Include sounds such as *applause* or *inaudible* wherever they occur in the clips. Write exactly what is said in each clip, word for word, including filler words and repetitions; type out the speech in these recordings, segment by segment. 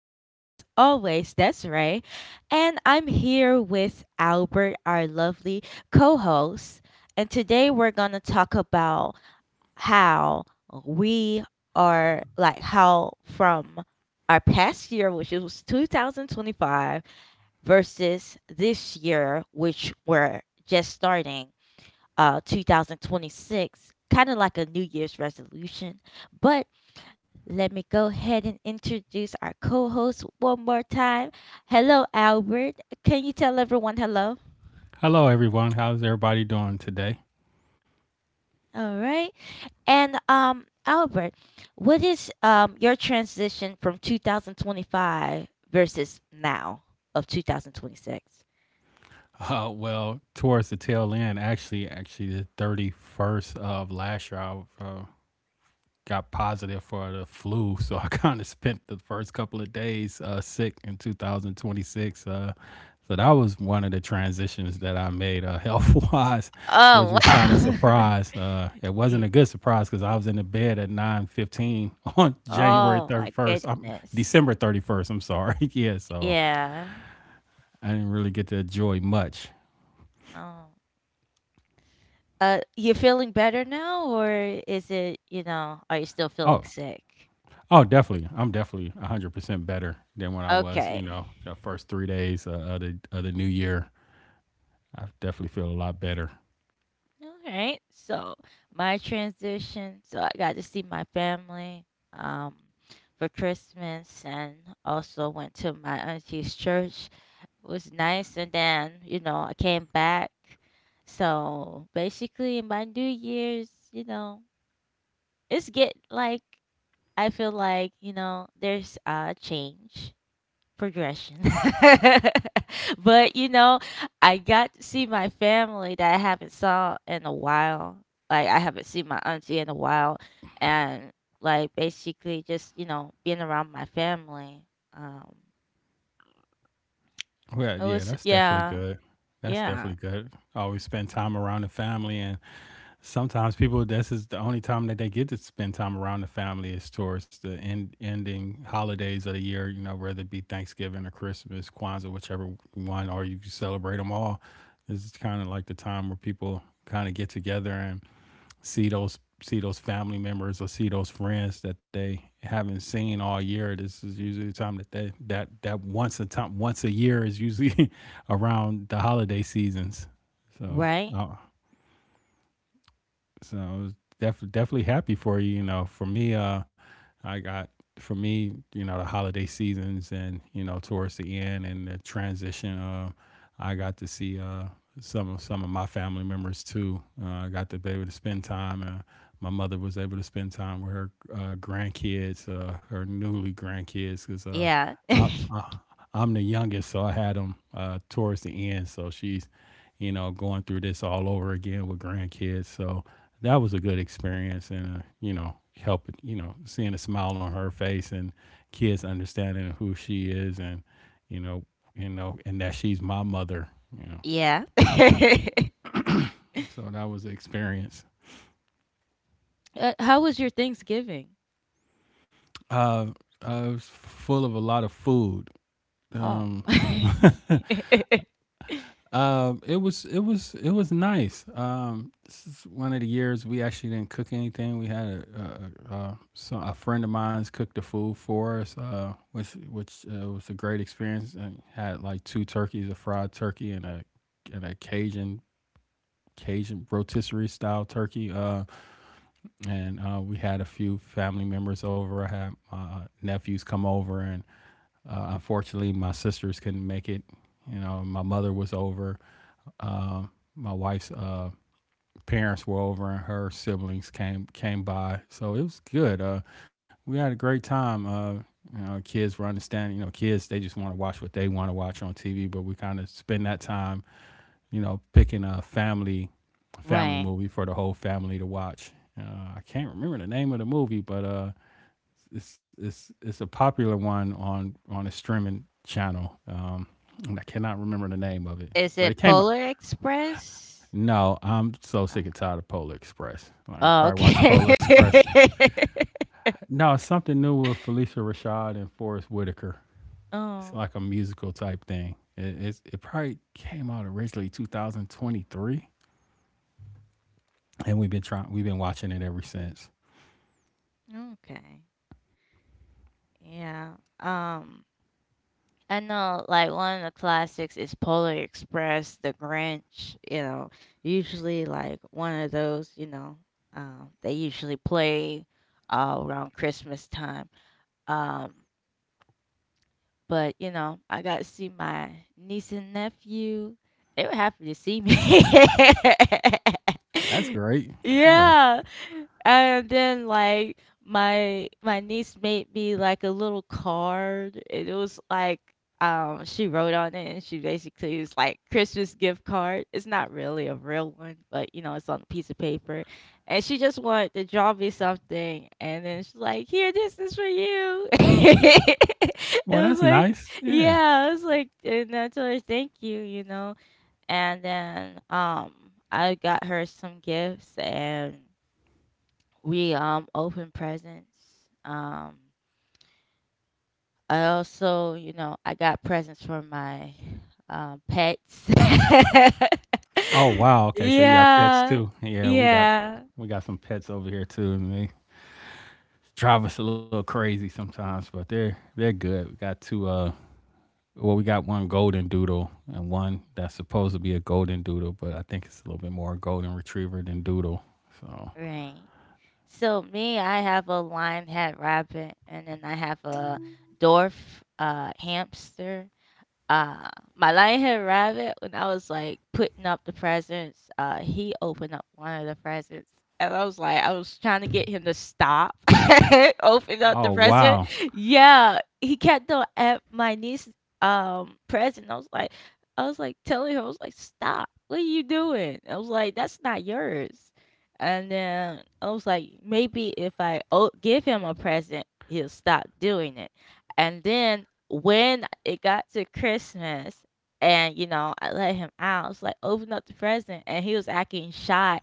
Your host, as always, Desiree. And I'm here with Albert, our lovely co host. And today we're going to talk about how we are, like, how from our past year, which it was two thousand twenty-five, versus this year, which we're just starting, uh, two thousand twenty-six, kind of like a New Year's resolution. But let me go ahead and introduce our co host one more time. Hello, Albert. Can you tell everyone hello? Hello, everyone. How's everybody doing today? All right. And, um, Albert, what is um, your transition from two thousand twenty-five versus now of two thousand twenty-six? Uh, well, towards the tail end, actually, actually the thirty first of last year, I uh, got positive for the flu. *laughs* So I kind of spent the first couple of days uh, sick in two thousand twenty six. Uh, so that was one of the transitions that I made uh, *laughs* health wise, which Oh, was kind of wow. surprise. Uh, *laughs* it wasn't Ye- a good surprise because I was in the bed at nine fifteen on *laughs* January oh, thirty my first. I'm goodness. December thirty first. I'm sorry. *laughs* Yeah, so Yeah. I didn't really get to enjoy much. Oh. Uh, you feeling better now, or is it, you know, are you still Oh, feeling sick? oh, definitely. I'm definitely one hundred percent better than when I was, you Okay. know, the first three days uh, of, the, of the new year. I definitely feel a lot better. All right. So my transition. So I got to see my family um, for Christmas, and also went to my auntie's church. It was nice, and then you know I came back. So basically, my New Year's, you know, it's get like I feel like you know there's a change progression. *laughs* But you know, I got to see my family that I haven't saw in a while. Like I haven't seen my auntie in a while, and like basically just you know being around my family. Um, Well, it yeah, was that's definitely yeah, good. That's definitely yeah, good. Always spend time around the family. And sometimes people, this is the only time that they get to spend time around the family, is towards the end ending holidays of the year, you know, whether it be Thanksgiving or Christmas, Kwanzaa, whichever one, or you can celebrate them all. This is kind of like the time where people kind of get together and see those see those family members or see those friends that they haven't seen all year. This is usually the time that they that that once a time once a year is usually *laughs* around the holiday seasons. So right, uh, so I was def- definitely happy for you. You know, for me, uh, I got for me, you know, the holiday seasons and you know towards the end and the transition. Uh, I got to see uh, some of some of my family members too. Uh, I got to be able to spend time. Uh, my mother was able to spend time with her uh, grandkids, uh, her newly grandkids, because uh, yeah, I'm uh, I'm the youngest, so I had them uh, towards the end. So she's, you know, going through this all over again with grandkids. So that was a good experience, and uh, you know, help you know, seeing a smile on her face and kids understanding who she is, and you know, you know, and that she's my mother. You *laughs* know, yeah. *laughs* so that was the experience. Uh, how was your Thanksgiving? Uh, I was full of a lot of food. Oh. Um, *laughs* *laughs* um, it was it was it was nice. Um, this is one of the years we actually didn't cook anything. We had a a, a, uh, so a friend of mine's cooked the food for us, uh, which which uh, was a great experience. And had like two turkeys, a fried turkey and a and a Cajun Cajun rotisserie style turkey. Uh, and uh, we had a few family members over. I had my nephews come over, and uh, unfortunately, my sisters couldn't make it. You know, my mother was over, uh, my wife's uh, parents were over and her siblings came came by, so it was good. Uh, we had a great time. Uh, you know, kids were understanding. You know, kids, they just want to watch what they want to watch on T V, but we kind of spend that time, you know, picking a family family Right. movie for the whole family to watch. Uh, I can't remember the name of the movie, but uh, it's it's it's a popular one on on a streaming channel, um, and I cannot remember the name of it. Is But it it came by, Polar Express? no, I'm so Uh, sick and tired of Polar Express. Like, oh, probably watch okay. Polar Express. *laughs* No, it's something new with Felicia Rashad and Forrest Whitaker. It's Oh, like a musical type thing. It, it's, it probably came out originally two thousand twenty-three, and we've been trying. We've been watching it ever since. okay. Yeah. Um. I know, like one of the classics is Polar Express, The Grinch, you know, usually like one of those, you know, um, they usually play uh, around Christmas time. Um, but, you know, I got to see my niece and nephew. They were happy to see me. *laughs* That's great. Yeah. Yeah. And then like my my niece made me like a little card and it was like um she wrote on it and she basically was like Christmas gift card. It's not really a real one, but you know, it's on a piece of paper. And she just wanted to draw me something, and then she's like, "Here, this is for you." *laughs* It Well, that's was like nice. Yeah. yeah, I was like and I told her, "Thank you," you know? And then, um, I got her some gifts, and we, um, opened presents. Um, I also, you know, I got presents for my, um, pets. *laughs* Oh wow. Okay. So yeah, pets Yeah. too. Yeah, we got Yeah. we got some pets over here too, and they drive us a little crazy sometimes, but they're they're good. We got two uh Well, we got one golden doodle and one that's supposed to be a golden doodle, but I think it's a little bit more golden retriever than doodle. So, Right. So me, I have a lion hat rabbit, and then I have a dwarf uh hamster, uh, my Lionhead Rabbit, when I was, like, putting up the presents, uh, he opened up one of the presents, and I was like I was trying to get him to stop, *laughs* open oh up the wow, present. Yeah, he kept on at my niece's, um, present. I was like I was like telling her, I was like, "Stop. What are you doing?" I was like, "That's not yours." And then I was like, "Maybe if I o give him a present, he'll stop doing it." And then when it got to Christmas and you know, I let him out, I was like, open up the present and he was acting shy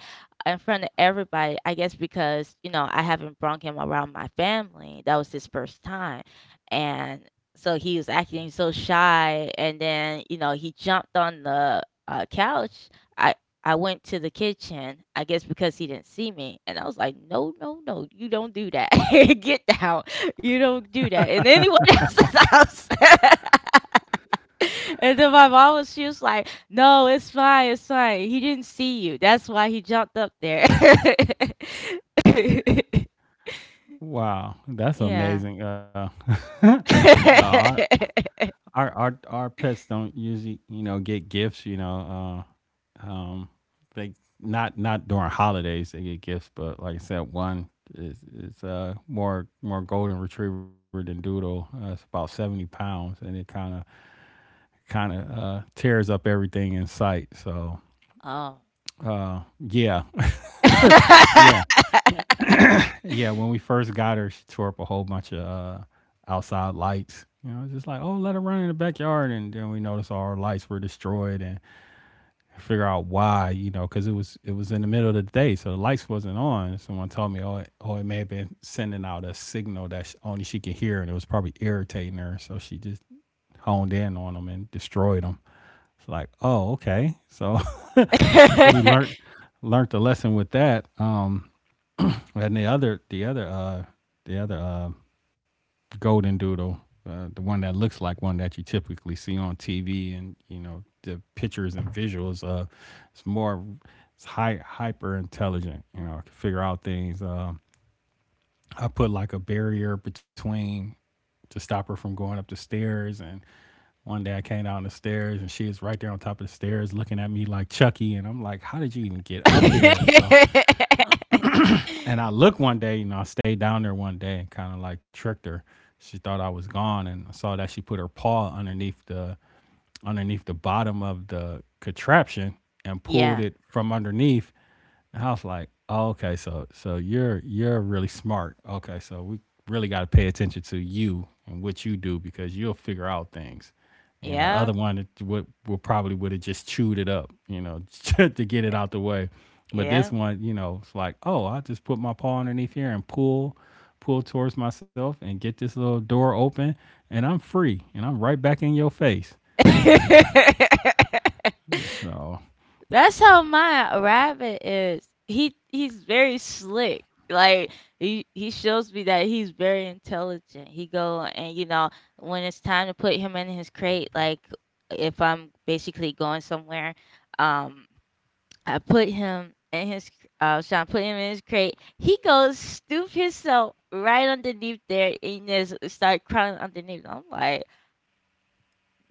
in front of everybody. I guess because, you know, I haven't brought him around my family. That was his first time. And so he was acting so shy and then, you know, he jumped on the uh, couch. I I went to the kitchen, I guess because he didn't see me. And I was like, no, no, no, you don't do that. *laughs* Get down you don't do that in anyone *laughs* else's house. *laughs* And then my mom was, she was like, no, it's fine, it's fine. He didn't see you. That's why he jumped up there. *laughs* wow, that's Yeah. amazing. Uh, *laughs* uh our our *laughs* our our pets don't usually, you know, get gifts. You know, uh, um, they, not not during holidays they get gifts, but like I said, one is is uh more more golden retriever than doodle. Uh, it's about seventy pounds, and it kind of kind of uh, tears up everything in sight. So Oh. uh, yeah, *laughs* *laughs* yeah, yeah. When we first got her, she tore up a whole bunch of uh, outside lights. You know, it's just like, oh, let her run in the backyard, and then we noticed all our lights were destroyed, and figure out why. You know, because it was it was in the middle of the day, so the lights wasn't on. Someone told me, oh, it, oh, it may have been sending out a signal that sh only she could hear, and it was probably irritating her, so she just honed in on them and destroyed them. It's like, oh, okay. So So we learned learned a lesson with that. Um, and the other the other uh the other uh golden doodle, uh, the one that looks like one that you typically see on T V, and you know the pictures and visuals. Uh, it's more it's high hyper intelligent. You know, I can figure out things. Um, I put like a barrier between to stop her from going up the stairs. And one day I came down the stairs and she is right there on top of the stairs looking at me like Chucky. And I'm like, how did you even get up here? So, and I looked one day, you know, I stayed down there one day and kind of like tricked her. She thought I was gone, and I saw that she put her paw underneath the underneath the bottom of the contraption and pulled Yeah. it from underneath. And I was like, oh, okay, so so you're you're really smart. Okay, so we really got to pay attention to you and what you do because you'll figure out things. And the Yeah. other one would, would probably would have just chewed it up, you know, *laughs* to get it out the way. But Yeah. this one, you know, it's like, oh, I just put my paw underneath here and pull, pull towards myself and get this little door open, and I'm free, and I'm right back in your face. *laughs* You know, *laughs* so That's how my rabbit is. He he's very slick. Like he he shows me that he's very intelligent. He go and you know when it's time to put him in his crate, like if I'm basically going somewhere, um, I put him in his cr- uh, so I put him in his crate. He goes stoop himself right underneath there and just start crawling underneath. I'm like,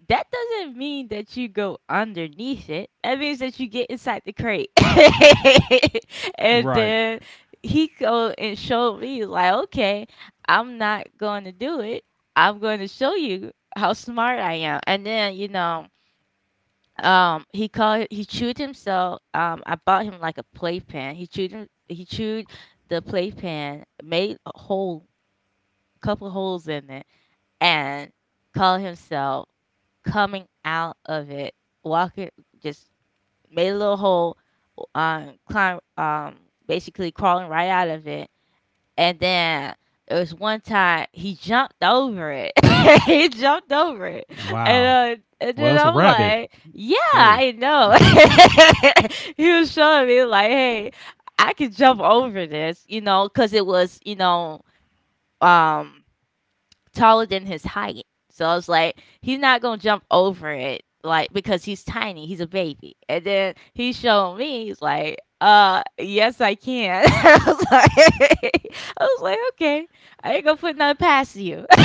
that doesn't mean that you go underneath it. That means that you get inside the crate. *laughs* And right. then he go and showed me like, okay, I'm not going to do it. I'm going to show you how smart I am. And then you know, um, he called he chewed himself. Um, I bought him like a playpen. He chewed him. He chewed the playpen, made a hole, couple holes in it and call himself coming out of it, walking, just made a little hole, um, climb, um, basically crawling right out of it. And then there was one time he jumped over it. *laughs* He jumped over it, Wow. and uh, and Well, then it's a I'm rabbit. like, yeah, Hey. I know. *laughs* He was showing me like, hey, I can jump over this, you know, because it was, you know, um taller than his height. So I was like, he's not gonna jump over it, like because he's tiny, he's a baby. And then he showed me, he's like, uh, yes, I can. *laughs* I was like, *laughs* I was like, okay, I ain't gonna put nothing past you. *laughs*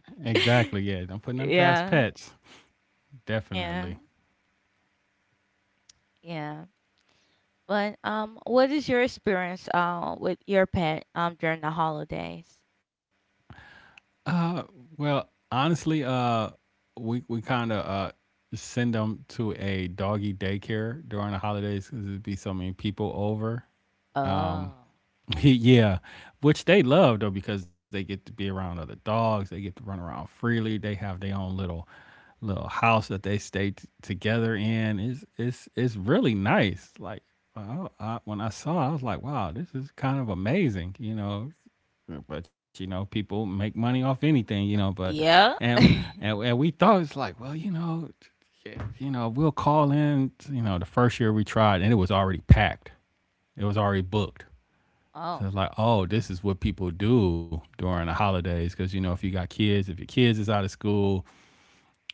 Exactly. Yeah. Don't put nothing past Yeah, pets. yeah, Definitely. yeah. But um, what is your experience uh with your pet um during the holidays? Well, honestly, uh, we we kind of uh send them to a doggy daycare during the holidays because it'd be so many people over. Oh, *laughs* Yeah, which they love though because they get to be around other dogs. They get to run around freely. They have their own little little house that they stay t- together in. It's it's it's really nice. Like, well, I, when I saw it, I was like, wow, this is kind of amazing. You know, but you know people make money off anything you know. but yeah. and and, and we thought it's like well you know yeah, you know we'll call in you know the first year we tried and it was already packed, it was already booked. Oh, So it's like, oh, this is what people do during the holidays. Cause you know, if you got kids, if your kids is out of school,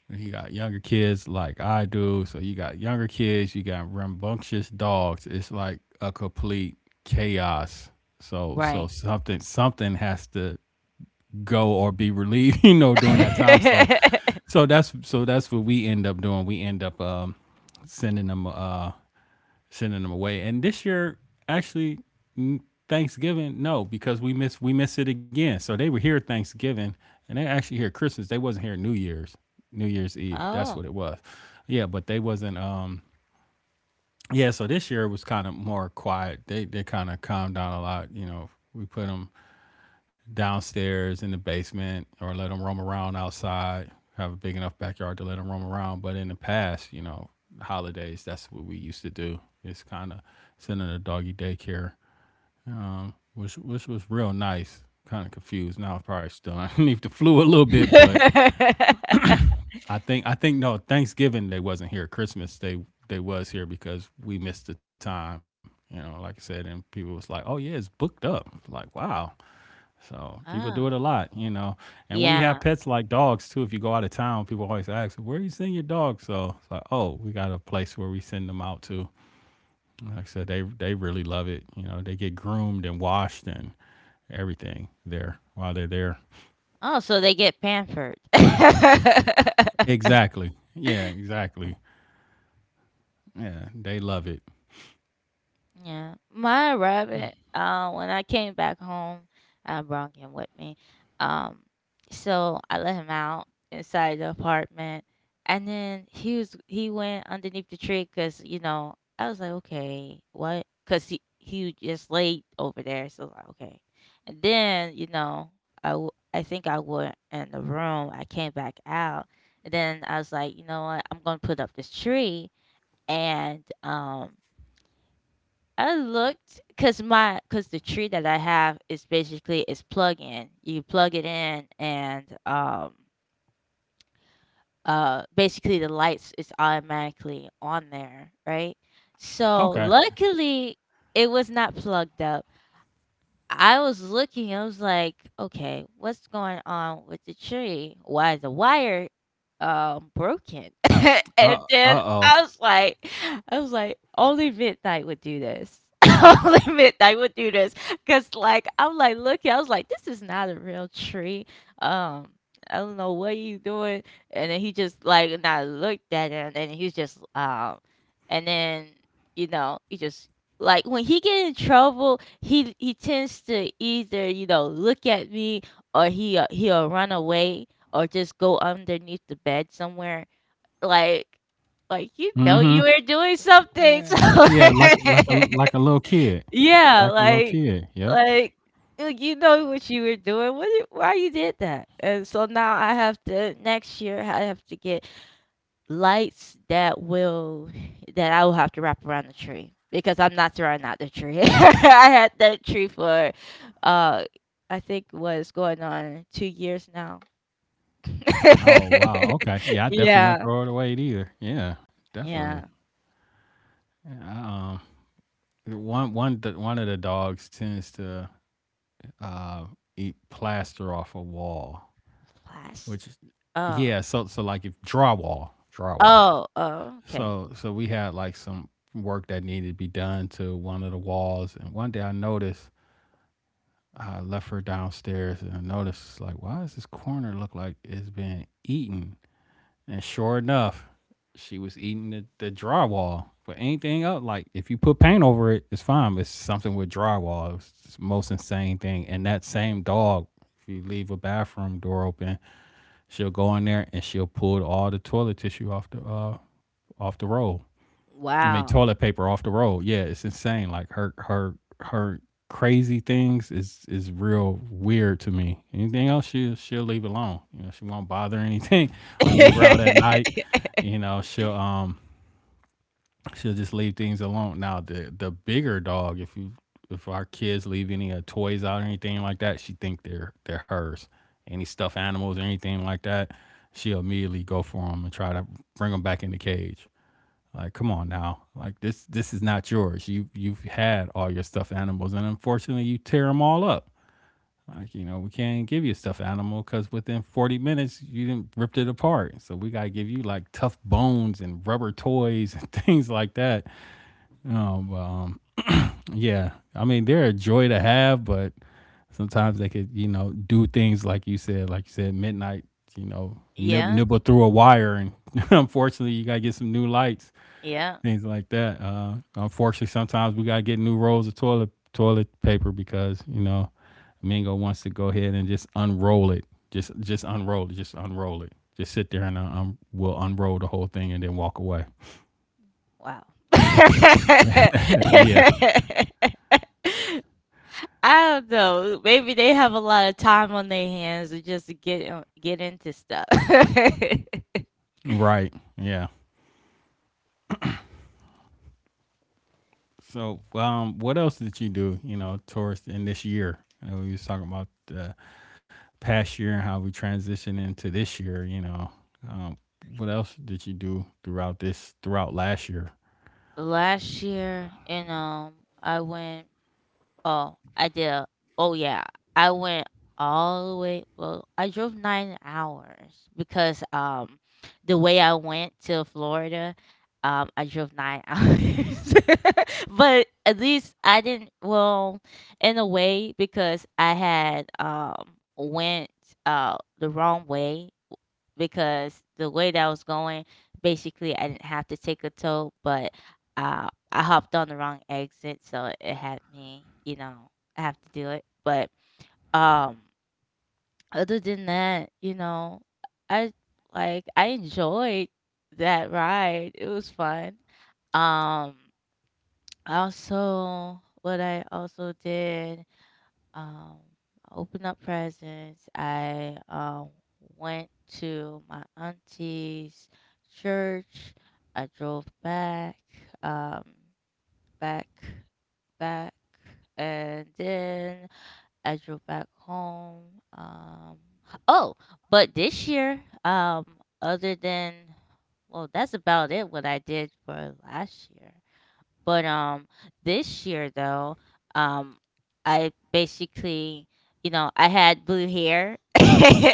and you got younger kids like I do. So you got younger kids, you got rambunctious dogs. It's like a complete chaos. So so right. something something has to go or be relieved, *laughs* you know, during that time. So *laughs* so that's so that's what we end up doing. We end up um sending them uh sending them away. And this year, actually, Thanksgiving, no, because we miss we miss it again. So they were here Thanksgiving, and they actually here Christmas. They wasn't here New Year's, New Year's Eve. That's what Oh. it was. Yeah, but they wasn't. Um, yeah. So this year it was kind of more quiet. They they kind of calmed down a lot. You know, we put them downstairs in the basement or let them roam around outside. Have a big enough backyard to let them roam around. But in the past, you know, holidays, that's what we used to do. It's kind of sending a doggy daycare, which which was real nice. Kind of confused now. I'm probably still *laughs* underneath the flu a little bit, *laughs* but I think I think no Thanksgiving they wasn't here. Christmas they they was here because we missed the time. You know, like I said, and people was like, "Oh yeah, it's booked up." Like, wow. So people do it Oh, a lot, you know. And when you yeah. have pets like dogs too, if you go out of town, people always ask, "Where you send your dog?" So it's like, "Oh, we got a place where we send them out to." Like I said, they they really love it. You know, they get groomed and washed and everything there while they're there. Oh, so they get pampered. *laughs* Exactly. Yeah. Exactly. Yeah, they love it. Yeah, my rabbit. Uh, when I came back home, I brought him with me. Um, so I let him out inside the apartment, and then he was he went underneath the tree because you know I was like, okay, what? Because he he just laid over there, so I was like, okay. And then you know I w- I think I went in the room. I came back out, and then I was like, you know what? I'm gonna put up this tree, and um. I looked because my because the tree that I have is basically is plug in. You plug it in and um uh basically the lights is automatically on there, right? So Okay. luckily it was not plugged up I was looking, I was like, okay, what's going on with the tree? Why is the wire um broken? *laughs* Uh. And Uh then oh. I was like I was like, only midnight would do this. *laughs* Only midnight would do this. Cause like I'm like looking, I was like, this is not a real tree. Um I don't know what you doing. And then he just like and I looked at him and he's just um and then you know, he just like when he get in trouble he he tends to either you know look at me or he uh, he'll run away or just go underneath the bed somewhere like like you Mm know hmm. you were doing something *laughs* so Yeah. Like like a like, like a little kid. yeah Like a little like kid. Yep. like like, you know what you were doing what you- why you did that and so now I have to next year I have to get lights that will that I will have to wrap around the tree because I'm not throwing out the tree. *laughs* I had that tree for uh I think was going on two years now. Oh *laughs* wow, okay. Yeah, I definitely wouldn't Yeah. throw it away either. Yeah, Yeah. definitely. Yeah, I, um, one one the, one of the dogs tends to uh, eat plaster off a wall, which Plaster. is Oh. yeah. So so like if drywall, drywall. Oh, oh, okay. So so we had like some work that needed to be done to one of the walls, and one day I noticed I left her downstairs, and I noticed like, why does this corner look like it's been eaten? And sure enough, she was eating the, the drywall. But anything else, like if you put paint over it, it's fine. It's something with drywall. It's the most insane thing. And that same dog, if you leave a bathroom door open, she'll go in there and she'll pull all the toilet tissue off the uh off the roll. I mean, Wow. toilet paper off the roll. Yeah, it's insane. Like her her her crazy things is is real weird to me. Anything else, she she'll leave alone. You know, she won't bother anything. *laughs* We leave her out at night. *laughs* You know, she'll um she'll just leave things alone. Now the the bigger dog, if you if our kids leave any uh, toys out or anything like that, she think they're they're hers. Any stuffed animals or anything like that, she'll immediately go for them and try to bring them back in the cage. Like, come on now. Like this this is not yours. You you've had all your stuffed animals and unfortunately you tear them all up. Like, you know, we can't give you a stuffed animal cuz within forty minutes you didn't ripped it apart. So we got to give you like tough bones and rubber toys *laughs* and things like that. Um, um yeah. I mean, they're a joy to have, but sometimes they could, you know, do things like you said, like you said, midnight, you know, nib- Yeah. nibble through a wire, and *laughs* unfortunately you got to get some new lights, Yeah. things like that. Uh, unfortunately, sometimes we gotta get new rolls of toilet toilet paper because you know Mingo wants to go ahead and just unroll it, just just unroll it, just unroll it, just sit there and uh, um, we'll unroll the whole thing and then walk away. Wow. Uh, Yeah, *laughs* I don't know. Maybe they have a lot of time on their hands to just get in- get into stuff. *laughs* right. Yeah. So, um, what else did you do? You know, towards in this year. You know, we was talking about the past year and how we transitioned into this year. You know, um, what else did you do throughout this throughout last year? Last year, you know, I went oh, I did oh yeah. I went all the way well, I drove nine hours because um the way I went to Florida, um, I drove nine *laughs* hours. *laughs* But at least I didn't well, in a way because I had um went uh the wrong way because the way that I was going, basically, I didn't have to take a tow, but uh, I hopped on the wrong exit, so it had me, you know, I have to do it. But um, other than that, you know, I like I enjoyed that ride. It was fun. Um, also, what I also did um, I opened up presents. I uh, went to my auntie's church. I drove back, um, back, back, and then I drove back home. Um, oh, but this year, um, other than well, that's about it. What I did for last year. But um this year though, um I basically, you know, I had blue hair. *laughs* uh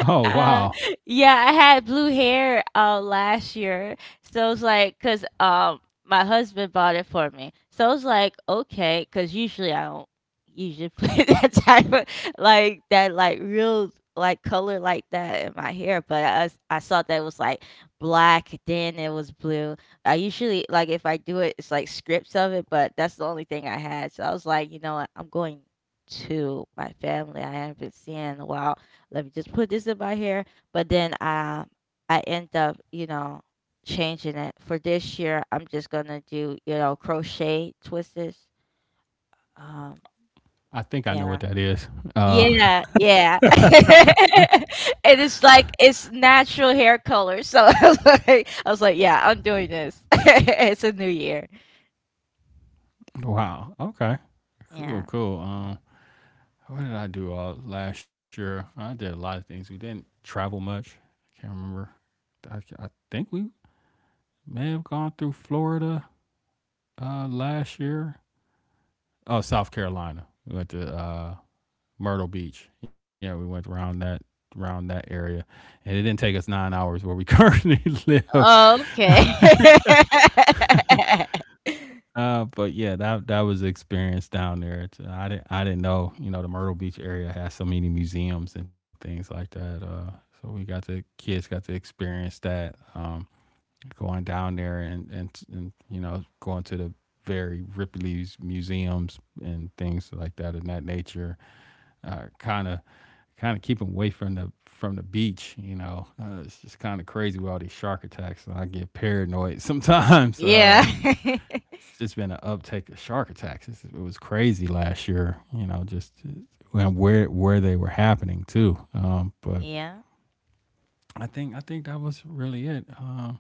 Oh wow. Yeah, I had blue hair uh last year. So it's like cuz um my husband bought it for me. So it's like okay cuz usually I don't usually *laughs* put that type of like that like real like color like that in my hair, but I I saw that it was like black then it was blue I usually like, if I do it, it's like scripts of it, but that's the only thing I had. So I was like, you know what? I'm going to my family I haven't been seeing in a while. Let me just put this in my hair. But then um, I end up, you know, changing it. For this year, I'm just gonna do, you know, crochet twists. Um, I think I know yeah. what that is. Uh, Yeah, yeah. *laughs* And it's like it's natural hair color. So *laughs* I was like, I was like, yeah, I'm doing this. *laughs* It's a new year. *laughs* wow. Okay. Cool. Yeah. Cool. Um, what did I do all last year? I did a lot of things. We didn't travel much. I can't remember. I, I think we may have gone through Florida uh, last year. Oh, South Carolina. We went to uh, Myrtle Beach. Yeah, we went around that around that area, and it didn't take us nine hours where we currently *laughs* live. Oh, okay. *laughs* Uh, but yeah, that that was the experience down there. It's, uh, I didn't I didn't know, you know, the Myrtle Beach area has so many museums and things like that. Uh, so we got to, kids got to experience that, um, going down there and, and and you know, going to the very Ripley's museums and things like that in that nature. Uh, Kind of kind of keep them away from the from the beach. You know, uh, it's just kind of crazy with all these shark attacks, and I get paranoid *laughs* sometimes. Yeah. Uh, *laughs* just been an uptick of shark attacks. It was crazy last year, you know, just and where where they were happening too. Um, but Yeah. I think I think that was really it, uh,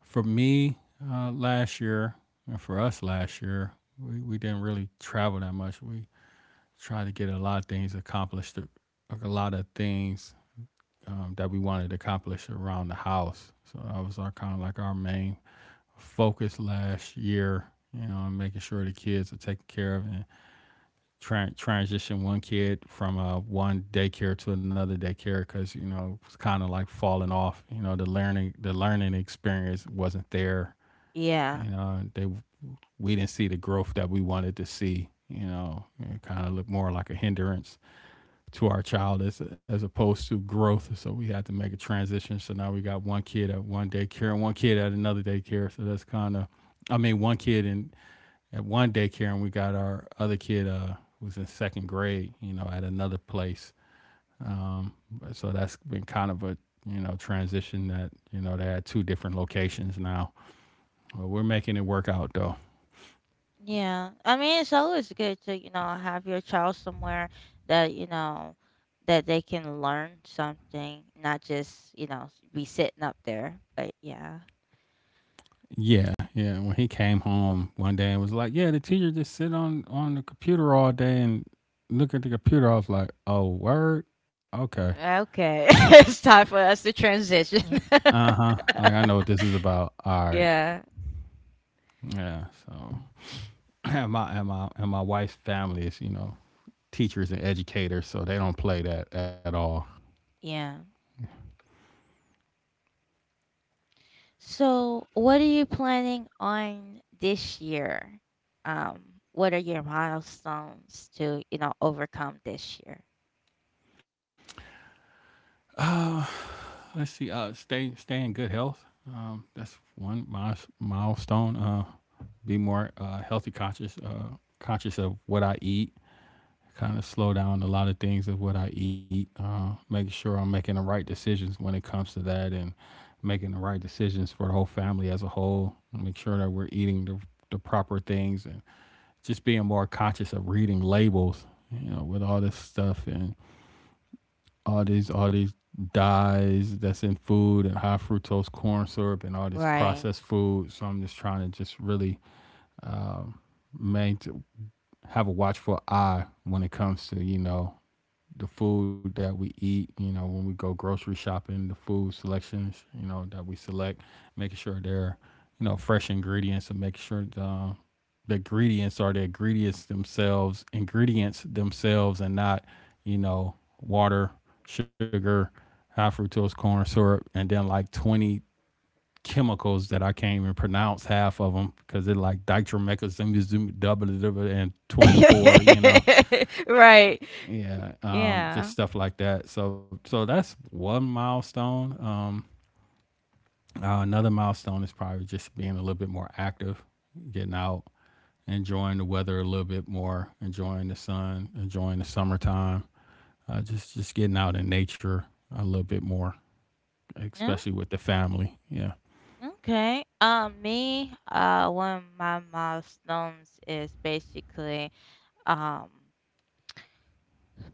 for me, uh, last year and for us last year. We we didn't really travel that much. We tried to get a lot of things accomplished, like a lot of things, um, that we wanted to accomplish around the house. So that was our kind of like our main focus last year. You know, making sure the kids are taken care of and tra- transition one kid from uh, one daycare to another daycare because you know it's kind of like falling off. You know the learning the learning experience wasn't there. Yeah. You know they, we didn't see the growth that we wanted to see. You know it kind of looked more like a hindrance to our child as as opposed to growth. So we had to make a transition. So now we got one kid at one daycare and one kid at another daycare. So that's kind of, I mean, one kid in at one daycare, and we got our other kid, uh, who's in second grade, you know, at another place. Um, so that's been kind of a, you know, transition that you know they're at two different locations now. But we're making it work out though. Yeah, I mean, it's always good to, you know, have your child somewhere that, you know, that they can learn something, not just, you know, be sitting up there. But yeah. Yeah, yeah. When he came home one day and was like, "Yeah, the teacher just sit on on the computer all day and look at the computer," I was like, "Oh, word, okay, Okay. *laughs* It's time for us to transition. uh huh." Like I *laughs* know what this is about. All right, Yeah. yeah. So *clears throat* and my and my and my wife's family is you know teachers and educators, so they don't play that at all. Yeah. So what are you planning on this year? Um, what are your milestones to, you know, overcome this year? Let's see, uh, stay stay in good health. Um, that's one miles, milestone. Uh, be more uh, healthy conscious, uh, conscious of what I eat. Kind of slow down a lot of things of what I eat. Uh, making sure I'm making the right decisions when it comes to that, and making the right decisions for the whole family as a whole. Make sure that we're eating the, the proper things, and just being more conscious of reading labels. You know, with all this stuff and all these all these dyes that's in food and high fructose corn syrup and all this Right. processed food. So I'm just trying to just really, um, main to have a watchful eye when it comes to, you know, the food that we eat, you know, when we go grocery shopping, the food selections, you know, that we select, making sure they're, you know, fresh ingredients and making sure the, the ingredients are the ingredients themselves, ingredients themselves, and not, you know, water, sugar, high fructose corn syrup, and then like twenty chemicals that I can't even pronounce half of them because they're like ditromethazine and twenty-four, you know. *laughs* Right. Yeah, um, Yeah. just stuff like that. So, so that's one milestone. Um, uh, another milestone is probably just being a little bit more active, getting out, enjoying the weather a little bit more, enjoying the sun, enjoying the summertime. Uh, just just getting out in nature a little bit more, No? especially with the family. Yeah. Okay. Um, me, uh, one of my milestones is basically, um,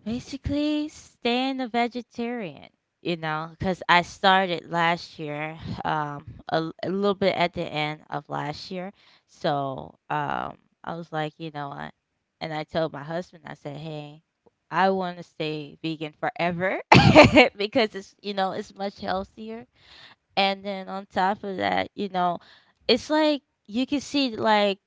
Basically, staying a vegetarian, you know, because I started last year, um, a, l- a little bit at the end of last year. So, um, I was like, you know, I, and I told my husband, I said, hey, I want to stay vegan forever *laughs* because it's, you know, it's much healthier. And then on top of that, you know, it's like you can see like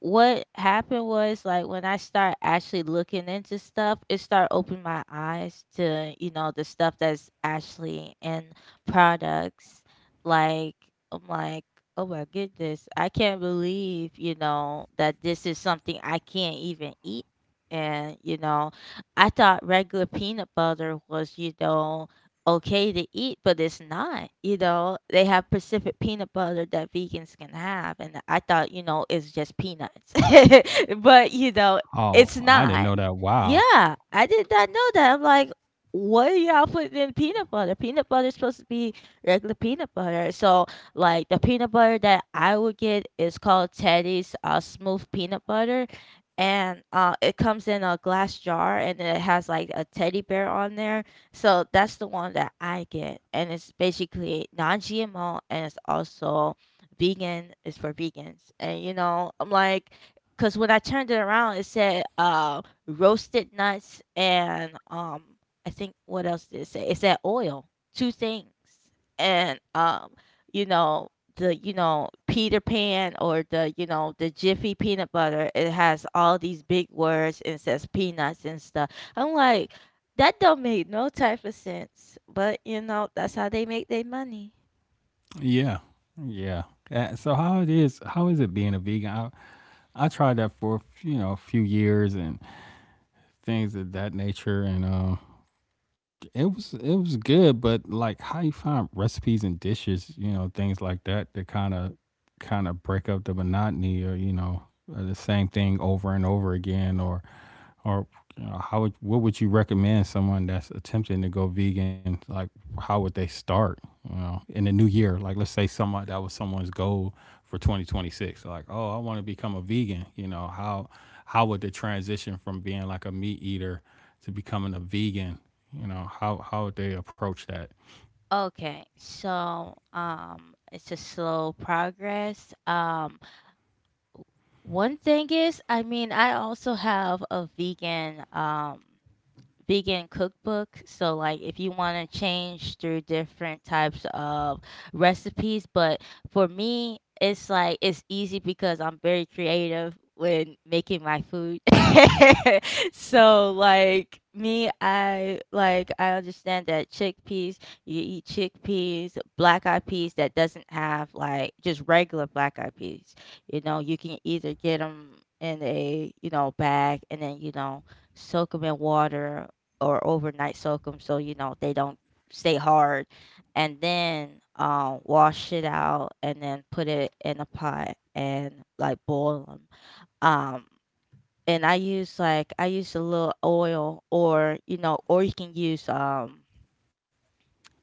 what happened was like when I start actually looking into stuff, it start opening my eyes to, you know, the stuff that's actually in products. Like, I'm like, oh my goodness, I can't believe, you know, that this is something I can't even eat. And you know, I thought regular peanut butter was, you know, okay to eat, but it's not. You know, they have Pacific peanut butter that vegans can have, and I thought, you know, it's just peanuts, *laughs* but you know, it's Oh, I didn't not. know that. Wow. Yeah, I did not know that. I'm like, what are y'all putting in peanut butter? Peanut butter is supposed to be regular peanut butter. So like, the peanut butter that I would get is called Teddy's uh, Smooth Peanut Butter. And uh, it comes in a glass jar and it has like a teddy bear on there, so that's the one that I get, and it's basically non-G M O and it's also vegan. It's for vegans, and you know I'm like, because when I turned it around, it said uh roasted nuts and um I think what else did it say? It said oil, two things, and um you know, the, you know, Peter Pan, or the, you know, the Jiffy peanut butter. It has all these big words and it says peanuts and stuff. I'm like, that don't make no type of sense. But you know, that's how they make their money. Yeah. Yeah. Uh, so how it is? How is it being a vegan? I, I tried that for you know a few years, and things of that nature, and uh, it was it was good, but like how you find recipes and dishes, you know, things like that that kind of kind of break up the monotony, or you know, uh, the same thing over and over again, or or you know, how would what would you recommend someone that's attempting to go vegan? Like, how would they start? You know, in the new year, like let's say someone that was someone's goal for twenty twenty-six, like, oh, I want to become a vegan. You know, how how would the transition from being like a meat eater to becoming a vegan, you know, how how they approach that? Okay, so um, it's a slow progress. Um, one thing is, I mean, I also have a vegan. Um, vegan cookbook. So like, if you want to change through different types of recipes, but for me it's like it's easy because I'm very creative when making my food. *laughs* So like me, I like I understand that chickpeas, you eat chickpeas, black eyed peas, that doesn't have, like, just regular black eyed peas. You know, you can either get them in a, you know, bag, and then you know, soak them in water or overnight soak them so you know they don't stay hard, and then um, wash it out and then put it in a pot and like boil them. Um, and I use like I use a little oil, or you know, or you can use um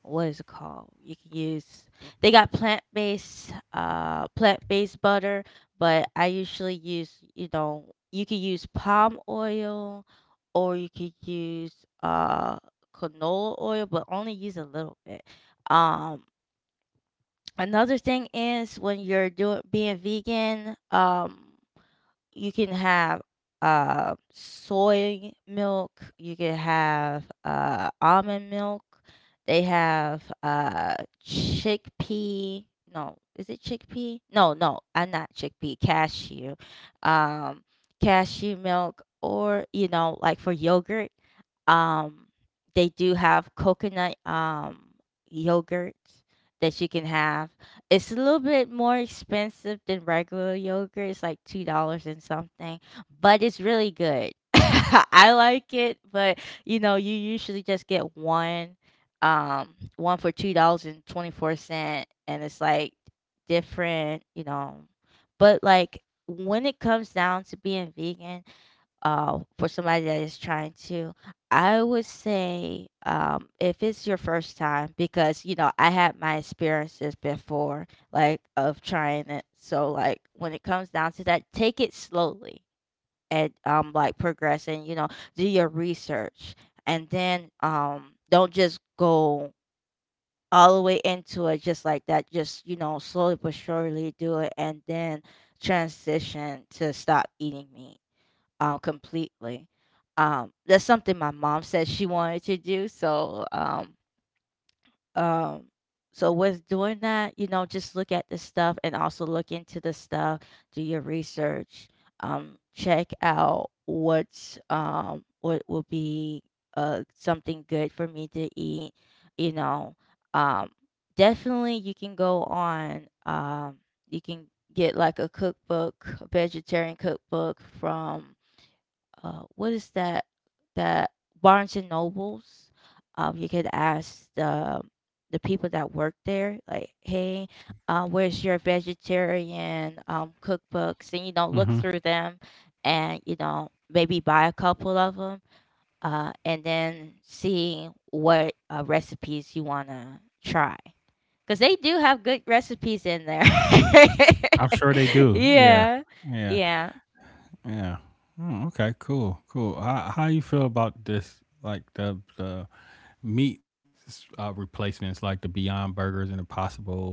what is it called? You can use, they got plant based uh plant based butter, but I usually use, you know, you can use palm oil, or you could use uh canola oil, but only use a little bit. Um Another thing is when you're doing being vegan, um you can have, uh, soy milk, you can have, uh, almond milk, they have, uh, chickpea, no, is it chickpea? No, no, I'm not chickpea, cashew. Um, Cashew milk, or, you know, like for yogurt, um, they do have coconut, um, yogurt that you can have. It's a little bit more expensive than regular yogurt. It's like two dollars and something, but it's really good. *laughs* I like it, but you know, you usually just get one um one for two dollars and twenty-four and twenty four cent, and it's like different, you know. But like when it comes down to being vegan, uh, for somebody that is trying to, I would say um, if it's your first time, because you know I had my experiences before, like of trying it. So like when it comes down to that, take it slowly and um like progressing. You know, do your research, and then um don't just go all the way into it just like that. Just, you know, slowly but surely do it, and then transition to stop eating meat uh, completely. Um, that's something my mom said she wanted to do. So, um, um, so with doing that, you know, just look at the stuff and also look into the stuff. Do your research. Um, check out what's um what will be uh something good for me to eat. You know, um, definitely you can go on. Um, You can get like a cookbook, a vegetarian cookbook from uh, what is that? That Barnes and Nobles. Um, you could ask the the people that work there, like, hey, uh, where's your vegetarian um, cookbooks? And you know, look Mhm. through them, and you know, maybe buy a couple of them, uh, and then see what uh, recipes you wanna try, because they do have good recipes in there. I'm sure they *laughs* do. Yeah. Yeah, Yeah. yeah. Yeah. Mm, okay, cool. Cool. How how you feel about this, like the the meat, uh, replacements like the Beyond Burgers and the possible,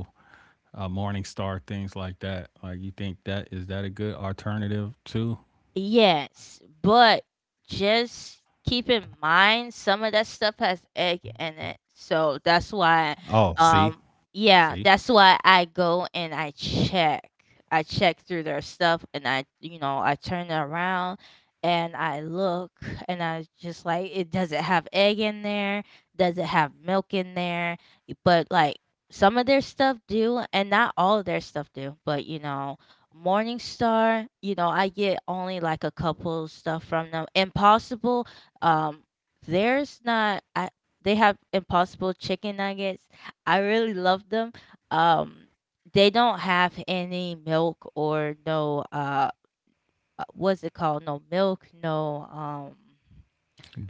uh, Morning Star, things like that? Like you think that, is that a good alternative too? Yes, but just keep in mind some of that stuff has egg in it. So that's why Oh, see? um See? yeah, that's why I go and I check. I check through their stuff and I, you know, I turn it around and I look, and I just like, it, does it have egg in there? Does it have milk in there? But like some of their stuff do and not all of their stuff do, but you know, Morningstar, you know, I get only like a couple stuff from them. Impossible, um, there's not. I They have Impossible chicken nuggets. I really love them. Um, they don't have any milk or no uh, uh, what's it called? No milk, no um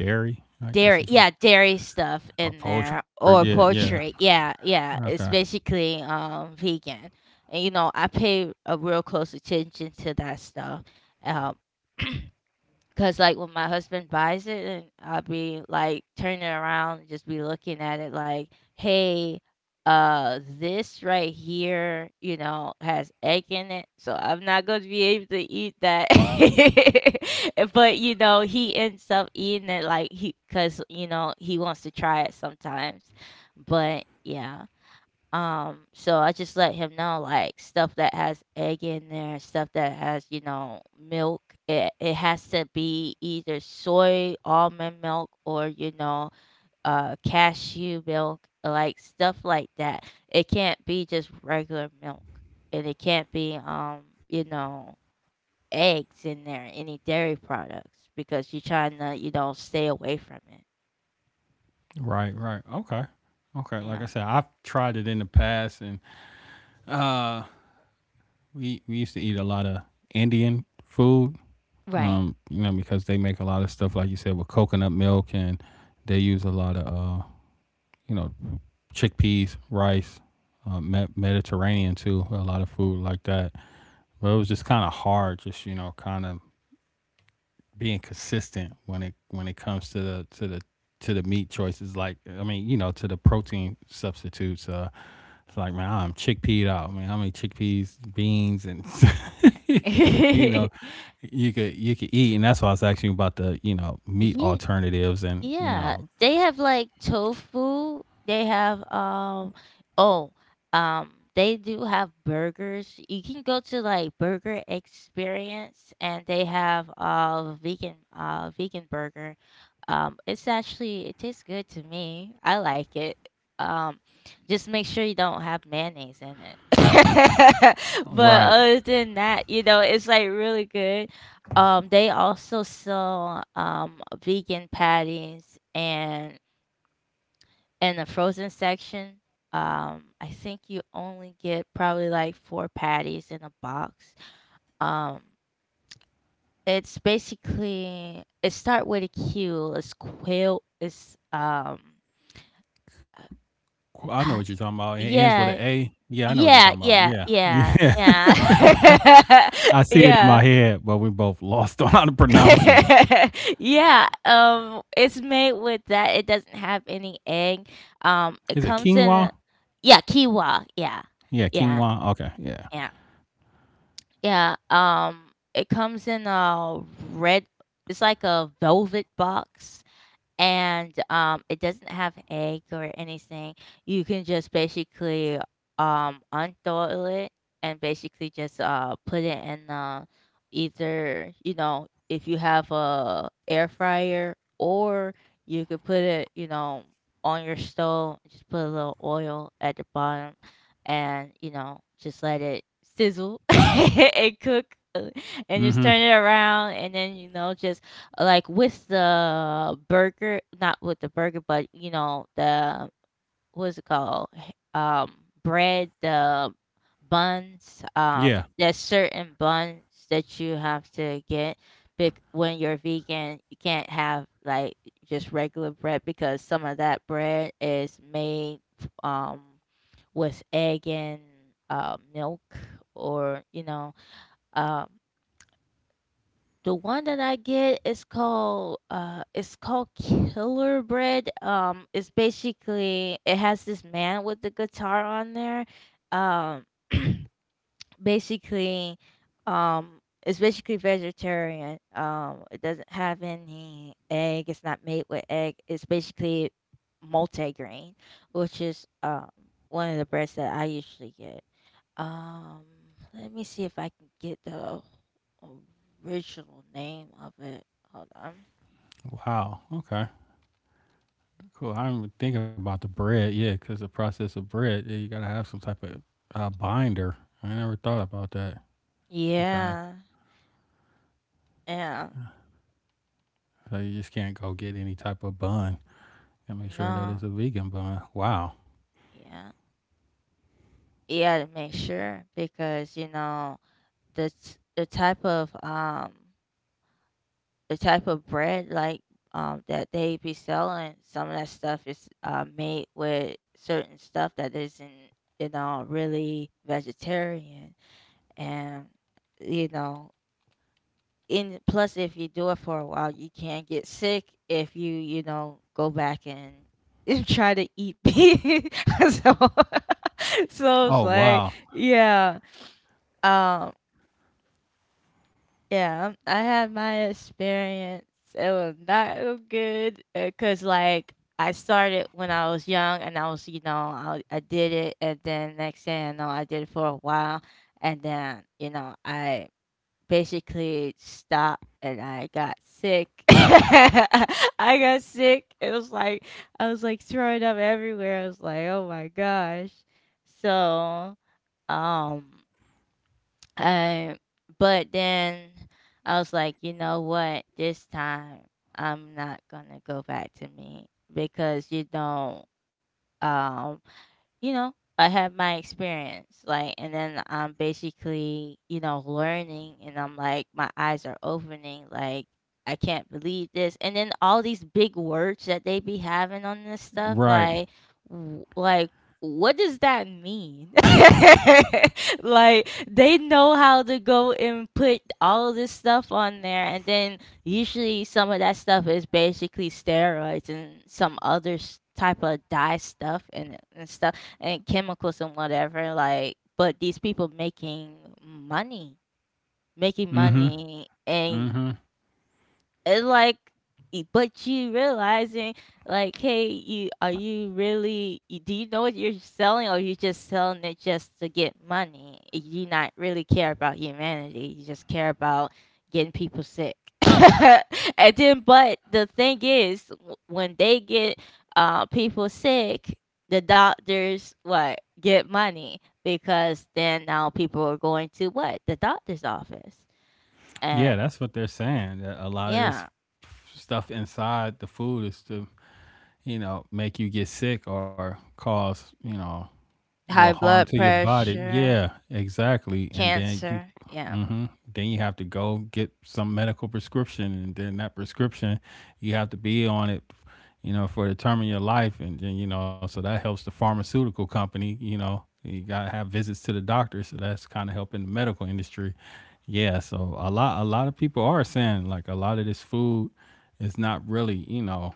Dairy? Like dairy, that's what yeah, you, dairy stuff in or there poultry. Yeah, or yeah. poultry, yeah, yeah, Okay. it's basically um vegan, and you know I pay a real close attention to that stuff. um *clears throat* Cause like when my husband buys it, and I'll be like turning around and just be looking at it like, hey, uh, this right here, you know, has egg in it, so I'm not gonna be able to eat that. *laughs* But you know, he ends up eating it like he, cause you know, he wants to try it sometimes. But yeah. Um, so I just let him know like stuff that has egg in there, stuff that has, you know, milk. It it has to be either soy almond milk, or, you know, uh cashew milk, like stuff like that. It can't be just regular milk. And it can't be um, you know, eggs in there, any dairy products because you're trying to, you know, stay away from it. Right, right. Okay. Okay. Like I Yeah. said, I've tried it in the past and, uh, we we used to eat a lot of Indian food. Right. Um, you know, because they make a lot of stuff like you said with coconut milk, and they use a lot of uh, you know, chickpeas, rice, uh, Me- Mediterranean too. A lot of food like that. But it was just kind of hard, just you know, kind of being consistent when it when it comes to the to the to the meat choices. Like i mean you know to the protein substitutes. Uh it's like, man, I'm chickpeed out. I mean, how many chickpeas, beans, and *laughs* *laughs* you know, *laughs* you could you could eat? And that's why I was asking you about the you know meat Yeah. alternatives, and you Yeah, know, they have like tofu. They have um oh um they do have burgers. You can go to like Burger Experience and they have uh vegan uh vegan burger, um, it's actually it tastes good to me. I like it. Um, just make sure you don't have mayonnaise in it. *laughs* But right? other than that, you know, it's like really good. Um, they also sell um vegan patties and in the frozen section. Um, I think you only get probably like four patties in a box. Um, it's basically it start with a Q. It's quail. It's um Qu- I know what you're Uh, talking about. It ends with an yeah. A. Yeah, I know what you're talking Yeah, about. yeah, Yeah, *laughs* yeah, yeah. yeah. I *laughs* see it in my Yeah. head, but we both lost *laughs* on how to pronounce it. *laughs* Yeah, um, it's made with that. It doesn't have any egg. Um, it Is it comes in a, quinoa? yeah, quinoa. Yeah. Yeah, Yeah, quinoa. Okay, yeah, yeah. yeah. Um, it comes in a red, it's like a velvet box. And um, it doesn't have egg or anything. You can just basically um, unthaw it and basically just uh, put it in uh, either, you know, if you have a air fryer, or you could put it, you know, on your stove, just put a little oil at the bottom and, you know, just let it sizzle *laughs* and cook, uh, and just turn it Mm-hmm. around and then, you know, just like with the burger, not with the burger, but you know the what's it called? H- Um, bread, the buns. Um, Yeah. There's certain buns that you have to get. Bec- when you're vegan, you can't have like just regular bread because some of that bread is made f- um with egg and uh, milk or you know um the one that I get is called uh it's called Killer Bread. Um it's basically it has this man with the guitar on there. Um *clears throat* basically, um it's basically vegetarian. Um it doesn't have any egg, it's not made with egg. It's basically multigrain, which is um one of the breads that I usually get. Um, Let me see if I can get the original name of it. Hold on. Wow. Okay. Cool. I didn't think about the bread. Yeah, because the process of bread, yeah, you gotta have some type of uh, binder. I never thought about that. You kind of. Yeah, yeah, So you just can't go get any type of bun. And make sure that it's no, a vegan bun. Wow. yeah, yeah. To make sure, because you know the t- the type of um the type of bread, like um that they be selling. Some of that stuff is uh made with certain stuff that isn't, you know, really vegetarian, and you know, and plus if you do it for a while, you can get sick if you, you know, go back and *laughs* try to eat beef. *laughs* So, *laughs* so Oh, it's like, wow. yeah. um yeah, um, I had my experience. It was not so good because like I started when I was young, and I was, you know, I, I did it, and then next thing I know, I did it for a while, and then, you know, I basically stopped, and I got sick. *coughs* *laughs* I got sick. It was like I was like throwing up everywhere. I was like, "Oh my gosh." So, um I, but then I was like, "You know what? This time I'm not going to go back to meat because, you know, um you know, I have my experience," like, and then I'm basically, you know, learning, and I'm like, my eyes are opening, like, I can't believe this, and then all these big words that they be having on this stuff, Right. like, w- like, what does that mean? *laughs* Like, they know how to go and put all this stuff on there, and then usually some of that stuff is basically steroids and some other s- type of dye stuff and and stuff and chemicals and whatever, like, but these people making money, making Mm-hmm. money and Mm-hmm. and, like, e but you realizing, like, "Hey, you are, you really, y do you know what you're selling, or you just selling it just to get money? You not really care about humanity, you just care about getting people sick." *laughs* And then, but the thing is, w when they get, uh, people sick, the doctors, what, get money, because then now people are going to what? The doctor's office. Yeah, And that's what they're saying, that a lot of this yeah. stuff inside the food is to, you know, make you get sick or cause, you know, little High harm to blood your body. Yeah, pressure, exactly. And then you, cancer. Yeah. hmm, then you have to go get some medical prescription, and then that prescription, you have to be on it, you know, for the term of your life, and then, you know, so that helps the pharmaceutical company. You know, you gotta have visits to the doctor, so that's kind of helping the medical industry. Yeah, so a lot, a lot of people are saying, like, a lot of this food is not really, you know,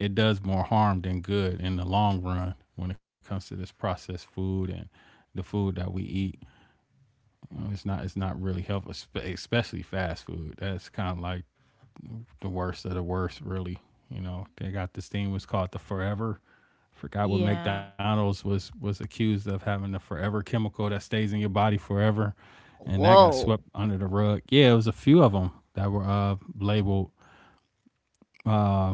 it does more harm than good in the long run when it comes to this processed food and the food that we eat. You know, it's not it's not really helpful, especially fast food. That's kind of like the worst of the worst, really. You know, they got this thing was called the forever. Forgot what Yeah. McDonald's was was accused of having the forever chemical that stays in your body forever, and that got Whoa. swept under the rug. Yeah, it was a few of them that were uh, labeled. Uh,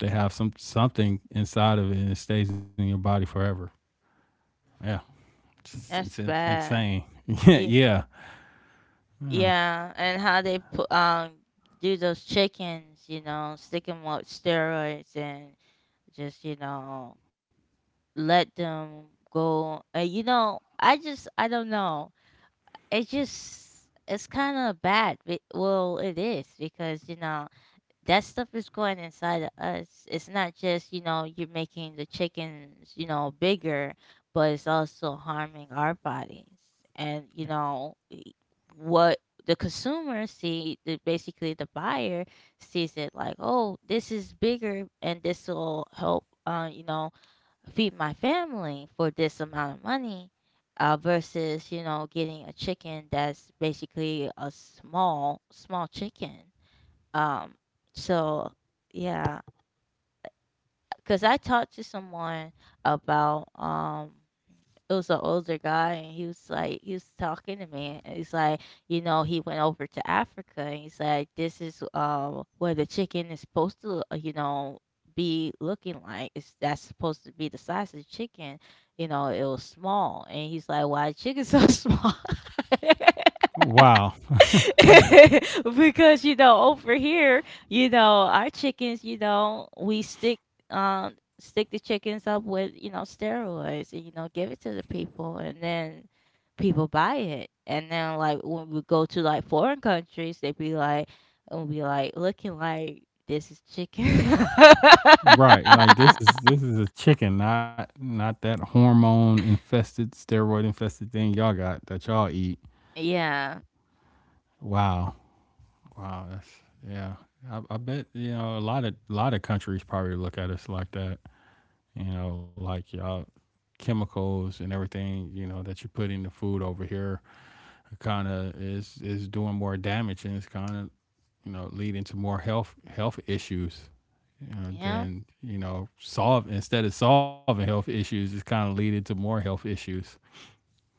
they have some something inside of it and it stays in your body forever. Yeah. It's, it's in- That's bad. insane. *laughs* Yeah, Yeah. yeah. Yeah. And how they put um do those chickens, you know, stick them with steroids and just, you know, let them go. Uh, you know, I just I don't know. It's just it's kind of bad. be- Well, it is, because you know that stuff is going inside of us. It's not just, you know, you're making the chickens, you know, bigger, but it's also harming our bodies. And, you know, e- what the consumer see, the, basically, the buyer sees it like, oh, this is bigger and this will help, uh, you know, feed my family for this amount of money. Uh, versus, you know, getting a chicken that's basically a small, small chicken. Um, so, yeah, because I talked to someone about, um, it was an older guy, and he was like, he was talking to me, and he's like, you know, he went over to Africa, and he's like, this is um where the chicken is supposed to, uh, you know, be looking like. It's that's supposed to be the size of the chicken. You know, it was small, and he's like, why chicken so *laughs* small? *laughs* Wow. *laughs* Because you know over here, you know our chickens, you know we stick um stick the chickens up with, you know, steroids and, you know, give it to the people, and then people buy it, and then like when we go to like foreign countries they be like, and be like looking like, this is chicken. *laughs* Right. Like, this is this is a chicken, not not that hormone infested, steroid infested thing y'all got that y'all eat. Yeah, Wow. Wow. That's yeah. I, I bet, you know, a lot of a lot of countries probably look at us like that. You know, like, y'all chemicals and everything, you know, that you put in the food over here kind of is is doing more damage, and it's kind of, you know, leading to more health health issues. You know, yeah, then, you know, solve, instead of solving health issues, it's kind of leading to more health issues.